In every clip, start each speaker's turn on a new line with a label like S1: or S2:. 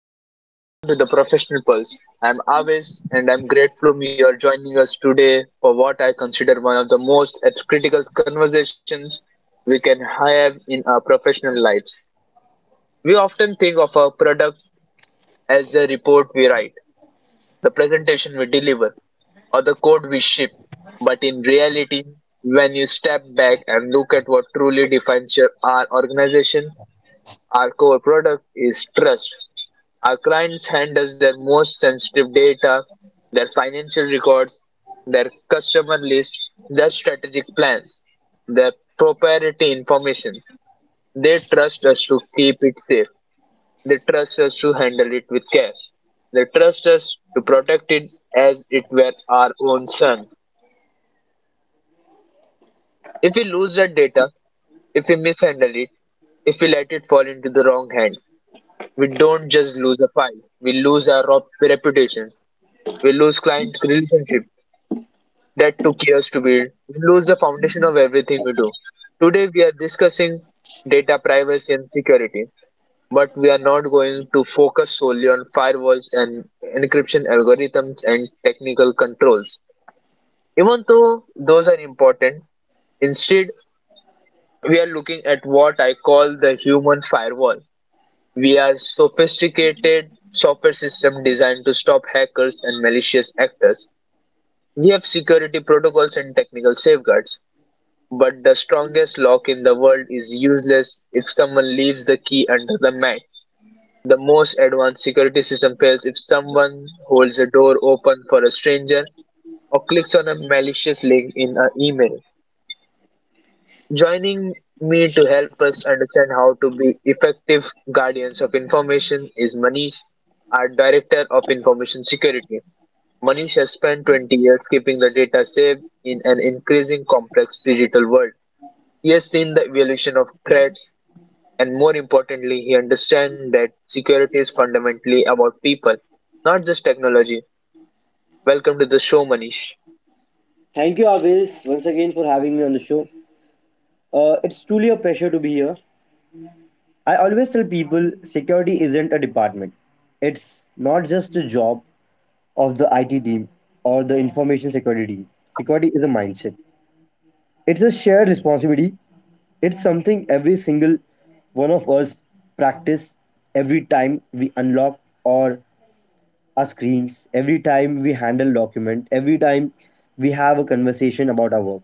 S1: Hello and welcome to the Professional Pulse. I'm Avis and I'm grateful you are joining us today for what I consider one of the most critical conversations we can have in our professional lives. We often think of our product as the report we write, the presentation we deliver, or the code we ship. But in reality, when you step back and look at what truly defines our organization, our core product is trust. Our clients hand us their most sensitive data, their financial records, their customer list, their strategic plans, their proprietary information. They trust us to keep it safe. They trust us to handle it with care. They trust us to protect it as it were our own son. If we lose that data, if we mishandle it, if we let it fall into the wrong hands, we don't just lose a file, we lose our reputation, we lose client relationship that took years to build, we lose the foundation of everything we do. Today we are discussing data privacy and security, but we are not going to focus solely on firewalls and encryption algorithms and technical controls. Even though those are important, instead we are looking at what I call the human firewall. We are sophisticated software system designed to stop hackers and malicious actors. We have security protocols and technical safeguards, but the strongest lock in the world is useless if someone leaves the key under the mat. The most advanced security system fails if someone holds a door open for a stranger or clicks on a malicious link in an email. Joining me to help us understand how to be effective guardians of information is Manish, our Director of Information Security. Manish has spent 20 years keeping the data safe in an increasing complex digital world. He has seen the evolution of threats, and more importantly, he understands that security is fundamentally about people, not just technology. Welcome to the show, Manish.
S2: Thank you, Abis, once again for having me on the show. It's truly a pleasure to be here. I always tell people security isn't a department, it's not just a job of the IT team or the information security team. Security is a mindset, it's a shared responsibility. It's something every single one of us practice every time we unlock or our screens, every time we handle document, every time we have a conversation about our work.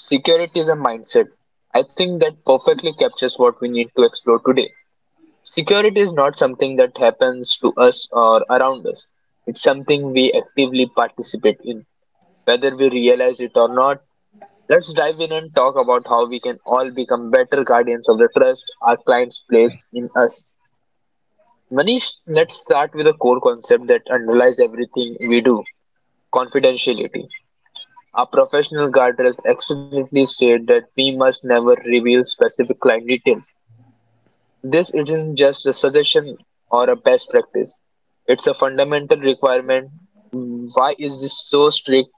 S1: Security is a mindset. I think that perfectly captures what we need to explore today. Security is not something that happens to us or around us. It's something we actively participate in, whether we realize it or not. Let's dive in and talk about how we can all become better guardians of the trust our clients place in us. Manish, let's start with a core concept that underlies everything we do, confidentiality. Our professional guardrails explicitly state that we must never reveal specific client details. This isn't just a suggestion or a best practice. It's a fundamental requirement. Why is this so strict?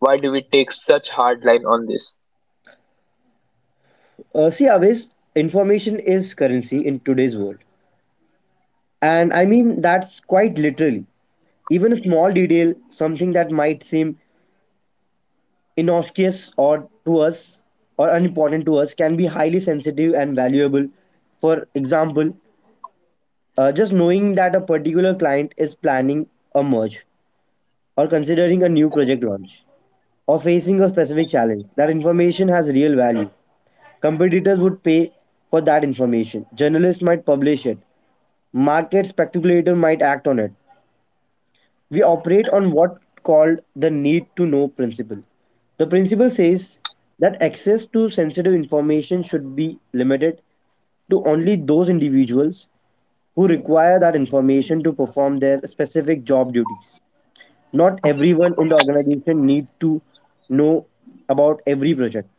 S1: Why do we take such hard line on this?
S2: See, Avis, information is currency in today's world. And I mean, that's quite literally. Even a small detail, something that might seem innocuous or to us or unimportant to us, can be highly sensitive and valuable. For example, just knowing that a particular client is planning a merge or considering a new project launch or facing a specific challenge, that information has real value. Competitors would pay for that information. Journalists might publish it, market speculator might act on it. We operate on what called the need to know principle. The principle says that access to sensitive information should be limited to only those individuals who require that information to perform their specific job duties. Not everyone in the organization need to know about every project.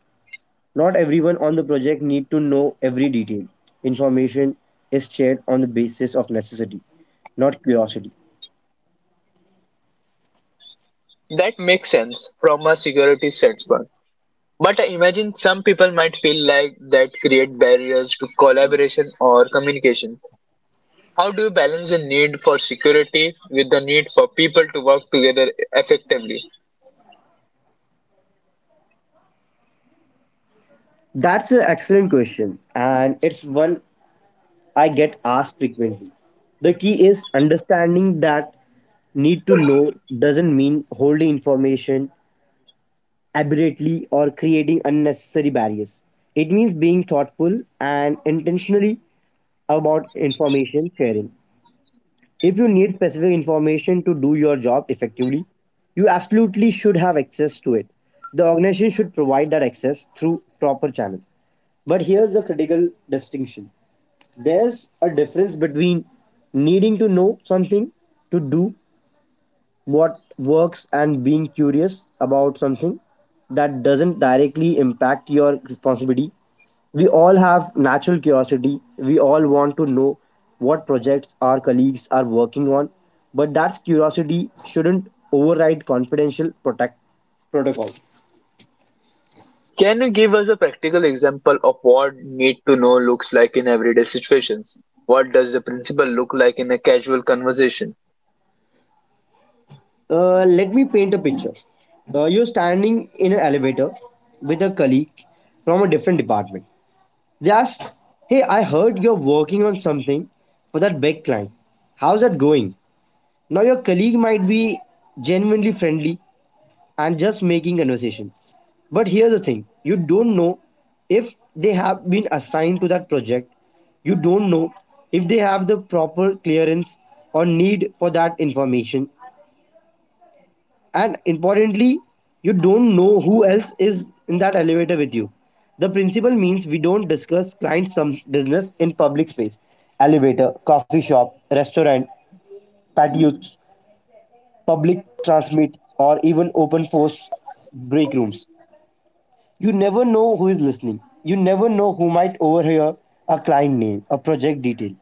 S2: Not everyone on the project need to know every detail. Information is shared on the basis of necessity, not curiosity.
S1: That makes sense from a security standpoint. But I imagine some people might feel like that create barriers to collaboration or communication. How do you balance the need for security with the need for people to work together effectively?
S2: That's an excellent question, and it's one I get asked frequently. The key is understanding that need to know doesn't mean holding information aberrately or creating unnecessary barriers. It means being thoughtful and intentionally about information sharing. If you need specific information to do your job effectively, you absolutely should have access to it. The organization should provide that access through proper channels. But here's the critical distinction, there's a difference between needing to know something to do what works and being curious about something that doesn't directly impact your responsibility. We all have natural curiosity. We all want to know what projects our colleagues are working on, but that curiosity shouldn't override confidential protect protocol.
S1: Can you give us a practical example of what need to know looks like in everyday situations? What does the principle look like in a casual conversation?
S2: Let me paint a picture. You're standing in an elevator with a colleague from a different department. Just, hey, I heard you're working on something for that big client. How's that going? Now, your colleague might be genuinely friendly and just making conversation. But here's the thing, you don't know if they have been assigned to that project, you don't know if they have the proper clearance or need for that information, and importantly, you don't know who else is in that elevator with you. The principle means we don't discuss client some business in public space, elevator, coffee shop, restaurant, patios, public transmit, or even open force break rooms. You never know who is listening, you never know who might overhear a client name, a project detail,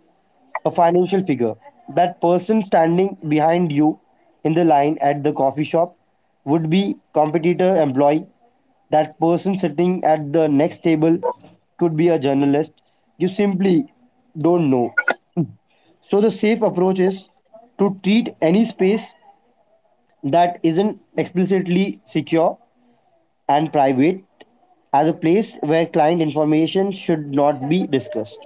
S2: a financial figure. That person standing behind you in the line at the coffee shop would be competitor employee. That person sitting at the next table could be a journalist. You simply don't know. So the safe approach is to treat any space that isn't explicitly secure and private as a place where client information should not be discussed.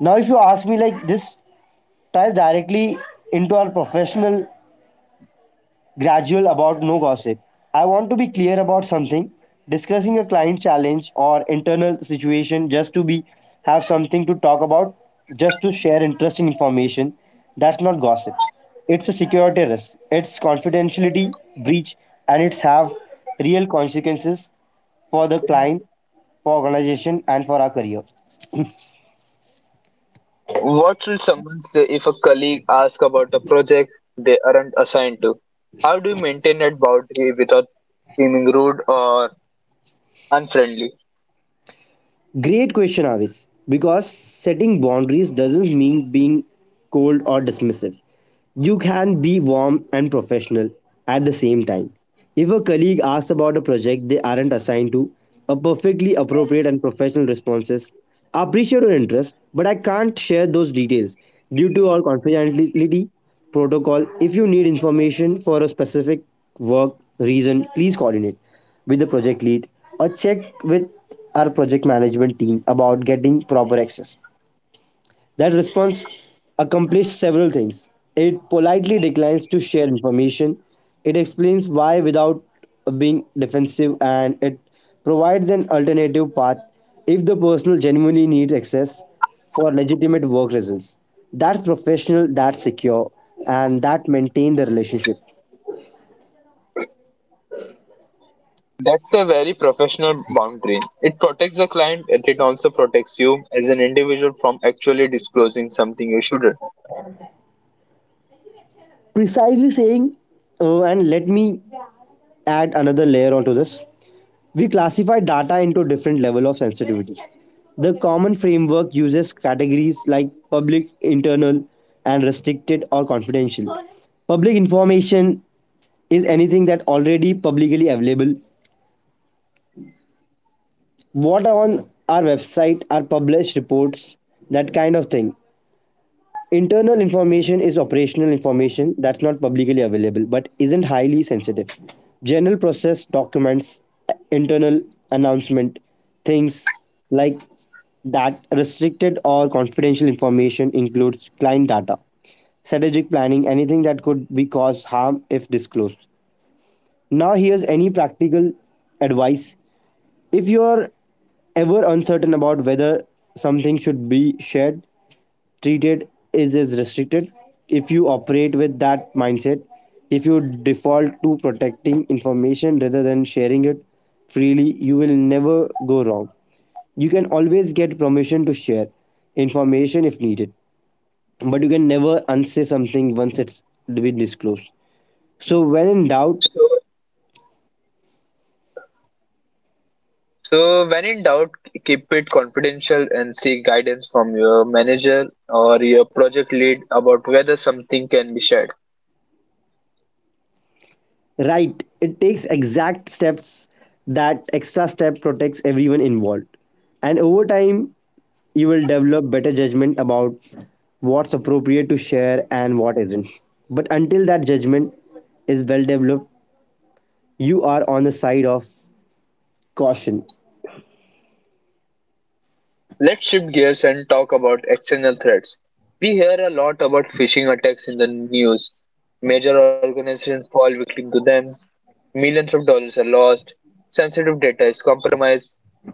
S2: Now if you ask me, like this ties directly into our professional gradual about no gossip. I want to be clear about something. Discussing a client challenge or internal situation just to be have something to talk about, just to share interesting information, that's not gossip. It's a security risk. It's confidentiality breach and it's have real consequences for the client, for organization and for our career.
S1: What should someone say if a colleague asks about a project they aren't assigned to? How do you maintain that boundary without seeming rude or unfriendly?
S2: Great question, Avis. Because setting boundaries doesn't mean being cold or dismissive. You can be warm and professional at the same time. If a colleague asks about a project they aren't assigned to, a perfectly appropriate and professional response is, "I appreciate your interest, but I can't share those details due to our confidentiality protocol. If you need information for a specific work reason, please coordinate with the project lead or check with our project management team about getting proper access." That response accomplished several things. It politely declines to share information, it explains why without being defensive, and it provides an alternative path if the person genuinely needs access for legitimate work reasons. That's professional, that's secure, and that maintain the relationship.
S1: That's a very professional boundary. It protects the client and it also protects you as an individual from actually disclosing something you shouldn't.
S2: Precisely saying, and let me add another layer onto this. We classify data into different level of sensitivity. The common framework uses categories like public, internal, and restricted or confidential. Public information is anything that already publicly available. What are on our website are published reports, that kind of thing. Internal information is operational information that's not publicly available but isn't highly sensitive. General process documents, internal announcement, things like that. Restricted or confidential information includes client data, strategic planning, anything that could be cause harm if disclosed. Now here's any practical advice. If you're ever uncertain about whether something should be shared, treated is restricted. If you operate with that mindset, if you default to protecting information rather than sharing it freely, you will never go wrong. You can always get permission to share information if needed, but you can never unsay something once it's been disclosed. So when in doubt,
S1: So So, when in doubt, keep it confidential and seek guidance from your manager or your project lead about whether something can be shared.
S2: right. It takes exact steps. That extra step protects everyone involved. And over time, you will develop better judgment about what's appropriate to share and what isn't. But until that judgment is well developed, you are on the side of caution.
S1: Let's shift gears and talk about external threats. We hear a lot about phishing attacks in the news. Major organizations fall victim to them. Millions of dollars are lost. Sensitive data is compromised.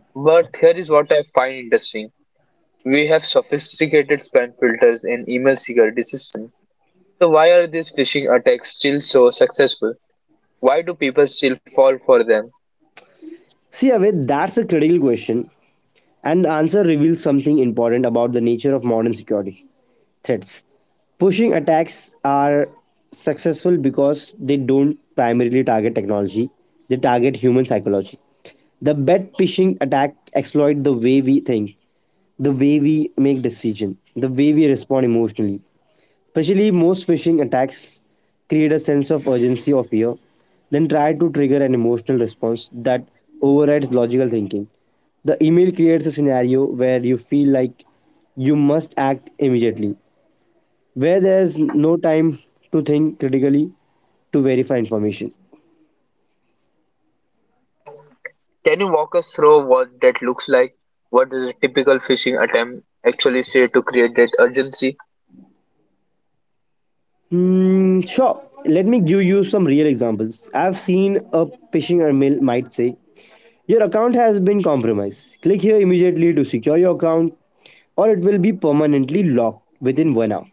S1: But here is what I find interesting. We have sophisticated spam filters and email security systems. So why are these phishing attacks still so successful? Why do people still fall for them?
S2: See, Aved, that's a critical question. And the answer reveals something important about the nature of modern security threats. Pushing attacks are successful because they don't primarily target technology, they target human psychology. The bet phishing attack exploit the way we think, the way we make decision, the way we respond emotionally. Especially, most phishing attacks create a sense of urgency or fear, then try to trigger an emotional response that overrides logical thinking. The email creates a scenario where you feel like you must act immediately, where there's no time to think critically to verify information.
S1: Can you walk us through what that looks like? What does a typical phishing attempt actually say to create that urgency?
S2: Sure, let me give you some real examples. I've seen a phishing email might say, "Your account has been compromised. Click here immediately to secure your account, or it will be permanently locked within 1 hour."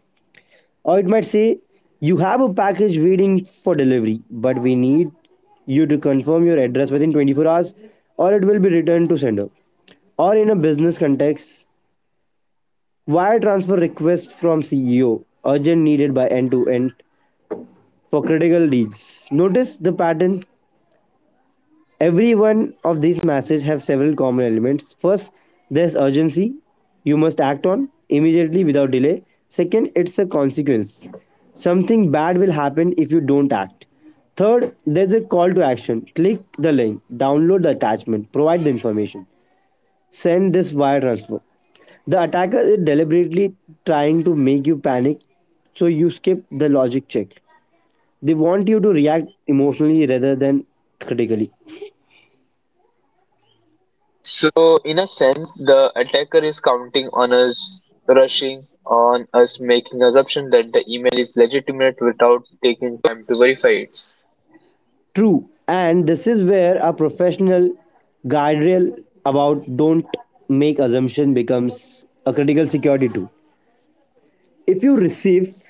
S2: Or it might say, "You have a package waiting for delivery, but we need you to confirm your address within 24 hours, or it will be returned to sender." Or in a business context, wire transfer request from CEO, urgent needed by end to end for critical deals. Notice the pattern. Every one of these messages have several common elements. First, there's urgency. You must act on immediately without delay. Second, it's a consequence. Something bad will happen if you don't act. Third, there's a call to action. Click the link, download the attachment, provide the information, send this wire transfer. The attacker is deliberately trying to make you panic, so you skip the logic check. They want you to react emotionally rather than critically.
S1: So in a sense, the attacker is counting on us rushing, on us making assumption that the email is legitimate without taking time to verify it.
S2: True, and this is where a professional guardrail about don't make assumption becomes a critical security tool. If you receive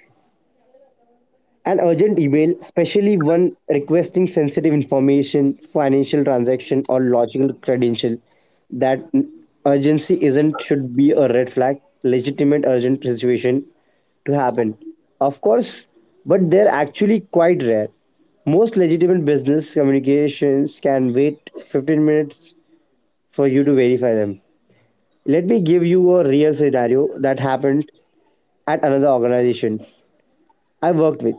S2: an urgent email, especially one requesting sensitive information, financial transaction, or logical credential, that urgency isn't should be a red flag. Legitimate urgent situation to happen, of course, but they're actually quite rare. Most legitimate business communications can wait 15 minutes for you to verify them. Let me give you a real scenario that happened at another organization I worked with.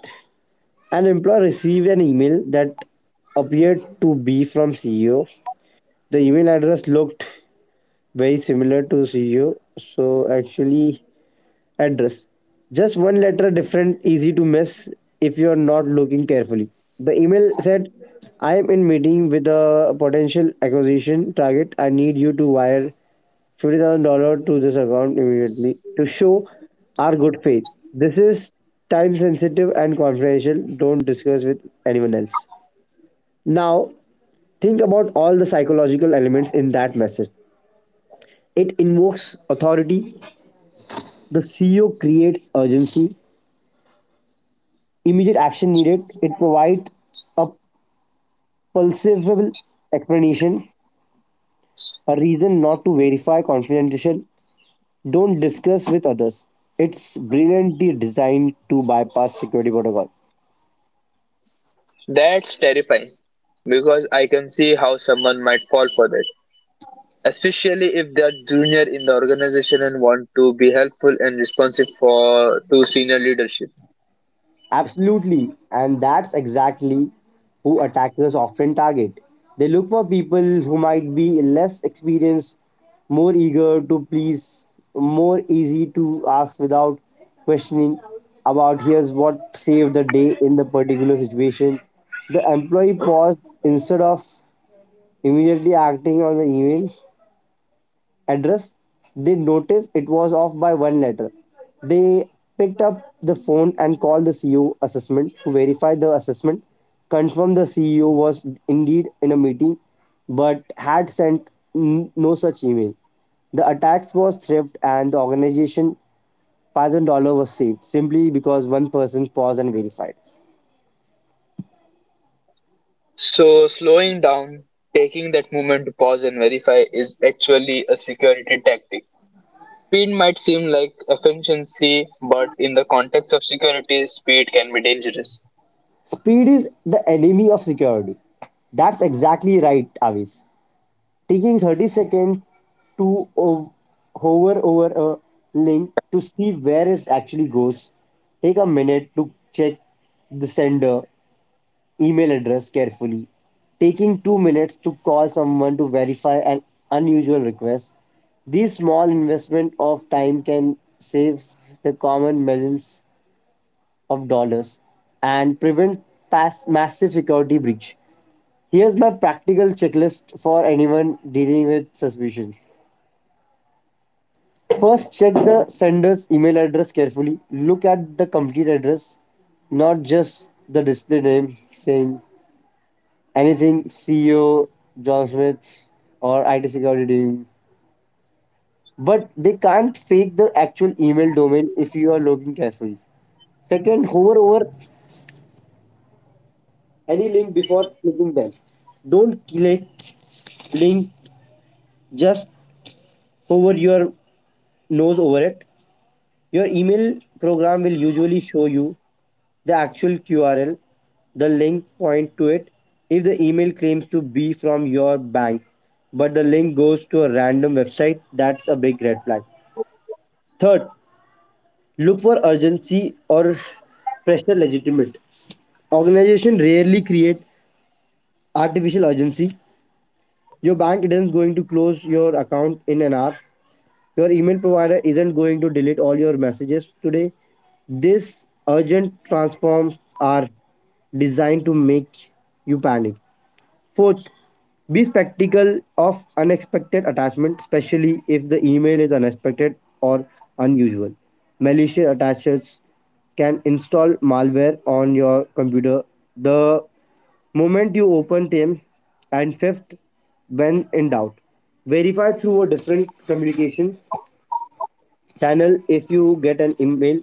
S2: An employee received an email that appeared to be from CEO. The email address looked very similar to CEO, so actually address. Just one letter different, easy to miss if you are not looking carefully. The email said, "I am in meeting with a potential acquisition target. I need you to wire $50,000 to this account immediately to show our good faith. This is time sensitive and confidential. Don't discuss with anyone else." Now, think about all the psychological elements in that message. It invokes authority, the CEO creates urgency, immediate action needed, it provides a pulsable explanation, a reason not to verify confidential, don't discuss with others. It's brilliantly designed to bypass security protocol.
S1: That's terrifying because I can see how someone might fall for that. Especially if they are junior in the organization and want to be helpful and responsive for to senior leadership.
S2: Absolutely, and that's exactly who attackers often target. They look for people who might be less experienced, more eager to please, more easy to ask without questioning. About, here's what saved the day in the particular situation. The employee paused instead of immediately acting on the email address, they noticed it was off by one letter. They picked up the phone and called the CEO assessment to verify the assessment, confirmed the CEO was indeed in a meeting but had sent no such email. The attacks was theft and the organization $5,000 was saved simply because one person paused and verified.
S1: So slowing down, taking that moment to pause and verify is actually a security tactic. Speed might seem like efficiency, but in the context of security, speed can be dangerous.
S2: Speed is the enemy of security. That's exactly right, Avis. Taking 30 seconds to hover over a link to see where it actually goes. Take a minute to check the sender email address carefully. Taking 2 minutes to call someone to verify an unusual request. These small investment of time can save the common millions of dollars and prevent massive security breach. Here's my practical checklist for anyone dealing with suspicion. First, check the sender's email address carefully. Look at the complete address, not just the display name saying anything CEO John Smith or IT security team. But they can't fake the actual email domain if you are looking carefully. Second, hover over any link before clicking them. Don't click link, just hover your nose over it. Your email program will usually show you the actual QRL, the link point to it. If the email claims to be from your bank, but the link goes to a random website, that's a big red flag. Third, look for urgency or pressure legitimate. Organization rarely create artificial urgency. Your bank isn't going to close your account in an hour. Your email provider isn't going to delete all your messages today. These urgent transforms are designed to make you panic. Fourth, be skeptical of unexpected attachment, especially if the email is unexpected or unusual. Malicious attachers can install malware on your computer the moment you open them. And fifth, when in doubt, verify through a different communication channel. If you get an email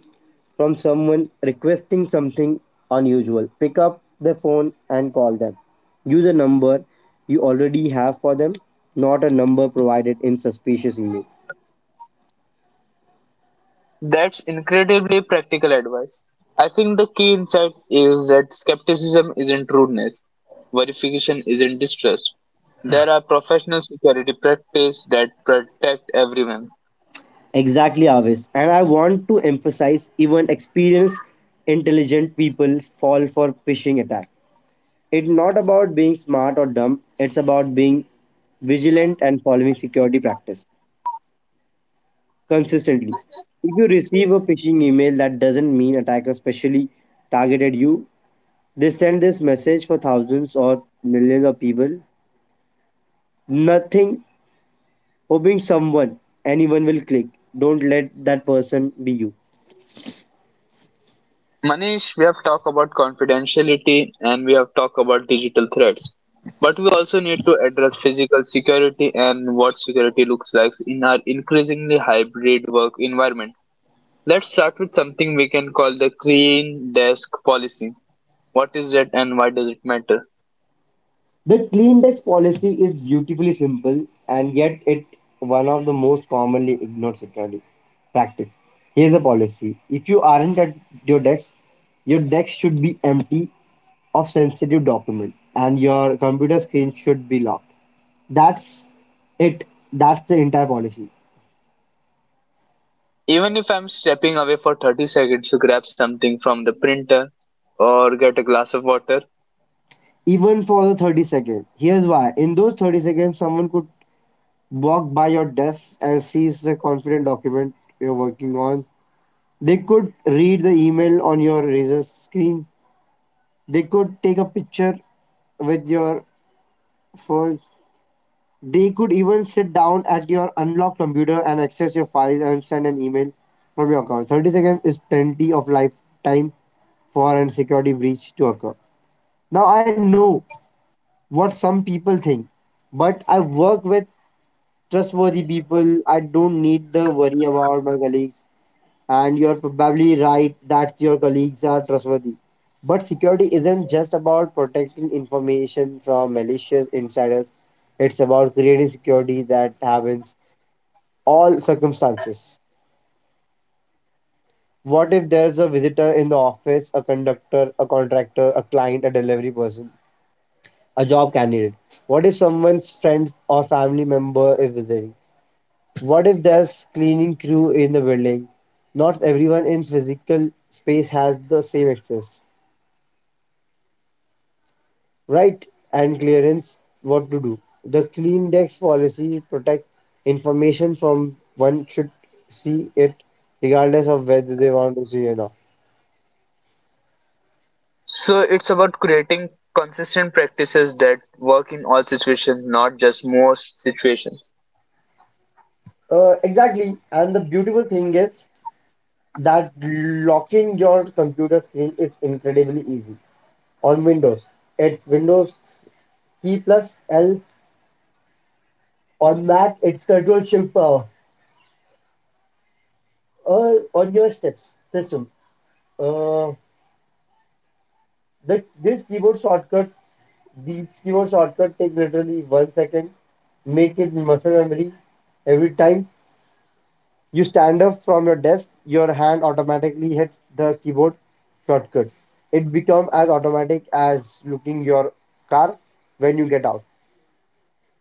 S2: from someone requesting something unusual, pick up the phone and call them. Use a number you already have for them, not a number provided in suspicious email.
S1: That's incredibly practical advice. I think the key insight is that skepticism isn't rudeness, verification isn't distrust. There are professional security practices that protect everyone.
S2: Exactly, Avis, and I want to emphasize even experienced intelligent people fall for phishing attack. It's not about being smart or dumb, it's about being vigilant and following security practice consistently. If you receive a phishing email that doesn't mean attackers specially targeted you, they send this message for thousands or millions of people. Nothing, hoping someone, anyone will click. Don't let that person be you.
S1: Manish, we have talked about confidentiality and we have talked about digital threats. But we also need to address physical security and what security looks like in our increasingly hybrid work environment. Let's start with something we can call the clean desk policy. What is it and why does it matter?
S2: The clean desk policy is beautifully simple and yet it one of the most commonly ignored security practice. Here's the policy. If you aren't at your desk, your desk should be empty of sensitive document and your computer screen should be locked. That's it. That's the entire policy.
S1: Even if I'm stepping away for 30 seconds to grab something from the printer or get a glass of water.
S2: Even for the 30 seconds. Here's why. In those 30 seconds, someone could walk by your desk and sees the confident document you're working on. They could read the email on your razor screen. They could take a picture with your phone. They could even sit down at your unlocked computer and access your files and send an email from your account. 30 seconds is plenty of lifetime for a security breach to occur. Now, I know what some people think, but I work with trustworthy people. I don't need the worry about my colleagues. And you're probably right that your colleagues are trustworthy. But security isn't just about protecting information from malicious insiders, it's about creating security that happens all circumstances. What if there's a visitor in the office, a conductor, a contractor, a client, a delivery person, a job candidate? What if someone's friends or family member is visiting? What if there's cleaning crew in the building? Not everyone in physical space has the same access, right, and clearance what to do. The clean dex policy protect information from one should see it regardless of whether they want to see or not.
S1: So it's about creating consistent practices that work in all situations, not just most situations.
S2: Exactly, and the beautiful thing is that locking your computer screen is incredibly easy. On windows it's windows key plus L. On mac it's control shift power. On your steps system. uh, this keyboard shortcut, these keyboard shortcut take literally 1 second, make it muscle memory. Every time you stand up from your desk, your hand automatically hits the keyboard shortcut. It becomes as automatic as looking your car when you get out.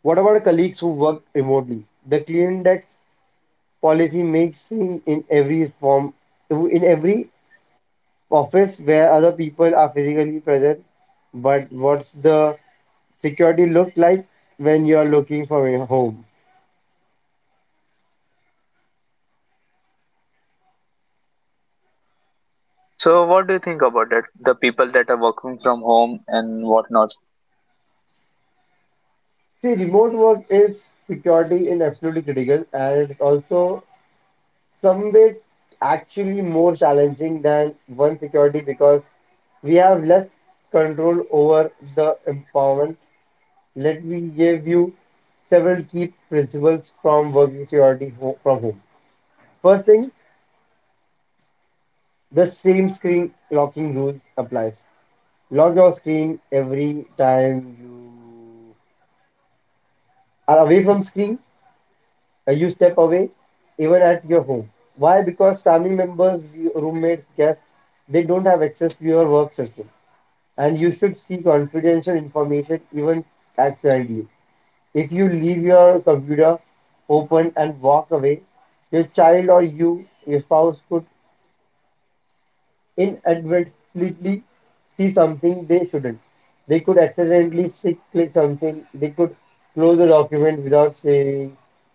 S2: What about colleagues who work remotely? The clean desk policy makes in every form, in every office where other people are physically present, but what's the security look like when you're looking from your home?
S1: So what do you think about it? The people that are working from home and whatnot.
S2: See, remote work is security in absolutely critical, and it's also some way actually more challenging than one security because we have less control over the empowerment. Let me give you several key principles from working security from home. First thing, the same screen locking rule applies. Lock your screen every time you are away from screen, you step away, even at your home. Why? Because family members, roommates, guests, they don't have access to your work system. And you should see confidential information even accidentally. If you leave your computer open and walk away, your child or you, your spouse could inadvertently see something they shouldn't. They could accidentally sick click something. They could close a document without saving,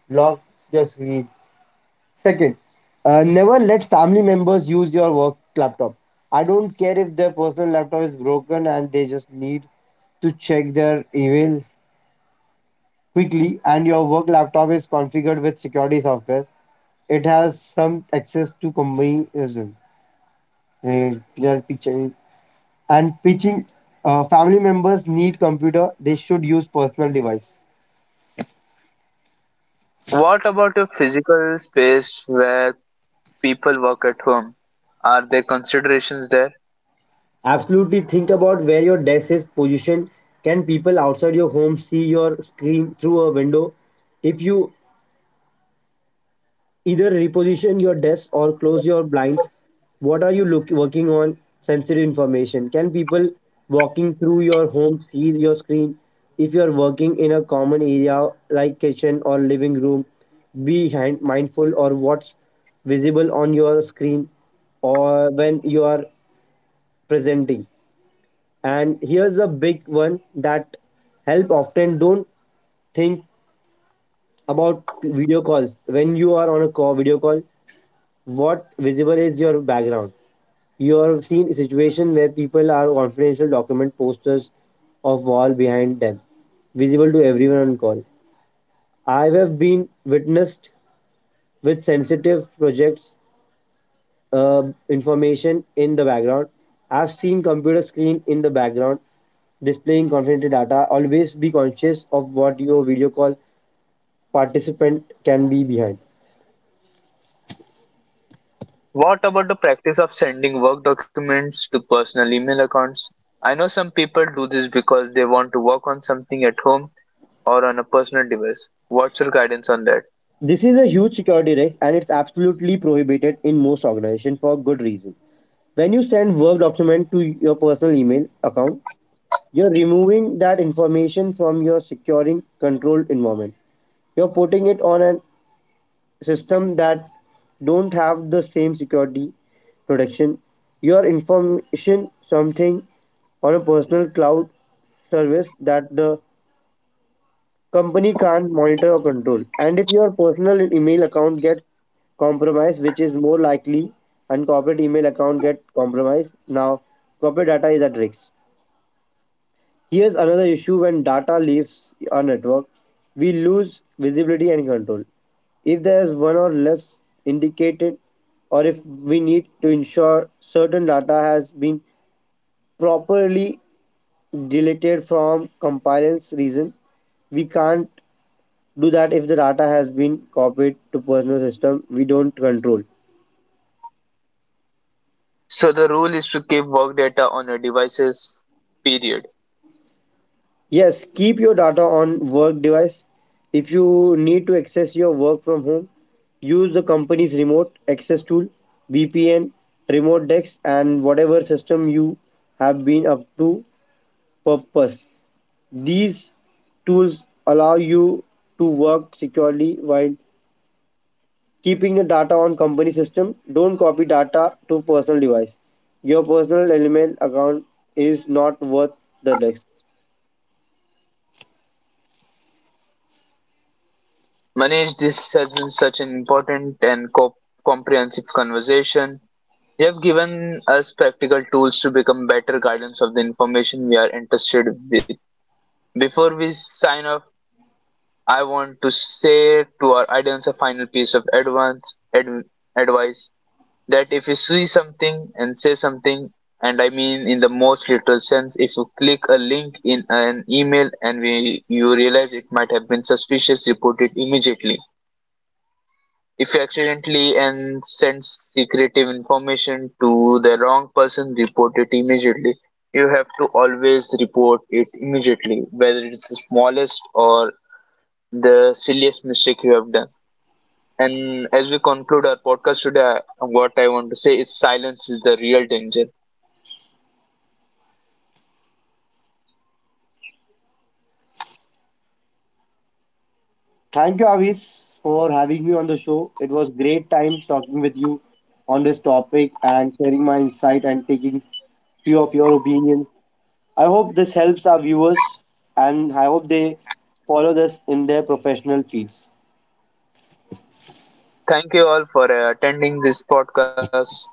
S2: lock your screen. Second, never let family members use your work laptop. I don't care if their personal laptop is broken and they just need to check their email quickly, and your work laptop is configured with security software, it has some access to company users. And pitching, family members need computer they should use personal device.
S1: What about a physical space where people work at home? Are there considerations there?
S2: Absolutely, think about where your desk is positioned. Can people outside your home see your screen through a window? If you, either reposition your desk or close your blinds. What are you working on? Sensitive information. Can people walking through your home see your screen? If you are working in a common area like kitchen or living room, be mindful or what's visible on your screen or when you are presenting. And here's a big one that help often don't think about: video calls. When you are on a call, video call, what visible is your background. You have seen a situation where people are confidential document posters of wall behind them, visible to everyone on call. I have been witnessed with sensitive projects, uh, information in the background. I've seen computer screen in the background displaying confidential data. Always be conscious of what your video call participant can be behind.
S1: What about the practice of sending work documents to personal email accounts? I know some people do this because they want to work on something at home or on a personal device. What's your guidance on that?
S2: This is a huge security risk and it's absolutely prohibited in most organizations for good reason. When you send Word document to your personal email account, you're removing that information from your securing controlled environment. You're putting it on a system that don't have the same security protection. Your information something on a personal cloud service that the company can't monitor or control. And if your personal email account gets compromised, which is more likely, and corporate email account get compromised, now corporate data is at risk. Here's another issue: when data leaves our network, we lose visibility and control. If there's one or less indicated, or if we need to ensure certain data has been properly deleted from compliance reason, we can't do that if the data has been copied to personal system we don't control.
S1: So the rule is to keep work data on your devices, period.
S2: Yes, keep your data on work device. If you need to access your work from home, use the company's remote access tool, VPN, remote dex, and whatever system you have been up to purpose. These tools allow you to work securely while keeping the data on company system. Don't copy data to personal device. Your personal element account is not worth the risk.
S1: Manage this has been such an important and comprehensive conversation. You have given us practical tools to become better guardians of the information we are interested with. Before we sign off, I want to say to our audience a final piece of advice that if you see something and say something, and I mean in the most literal sense, if you click a link in an email and you realize it might have been suspicious, report it immediately. If you accidentally and send secretive information to the wrong person, report it immediately. You have to always report it immediately, whether it's the smallest or the silliest mistake you have done. And as we conclude our podcast today, what I want to say is silence is the real danger.
S2: Thank you, Avis, for having me on the show. It was great time talking with you on this topic and sharing my insight and taking few of your opinions. I hope this helps our viewers and I hope they follow this in their professional fields.
S1: Thank you all for attending this podcast. Bye.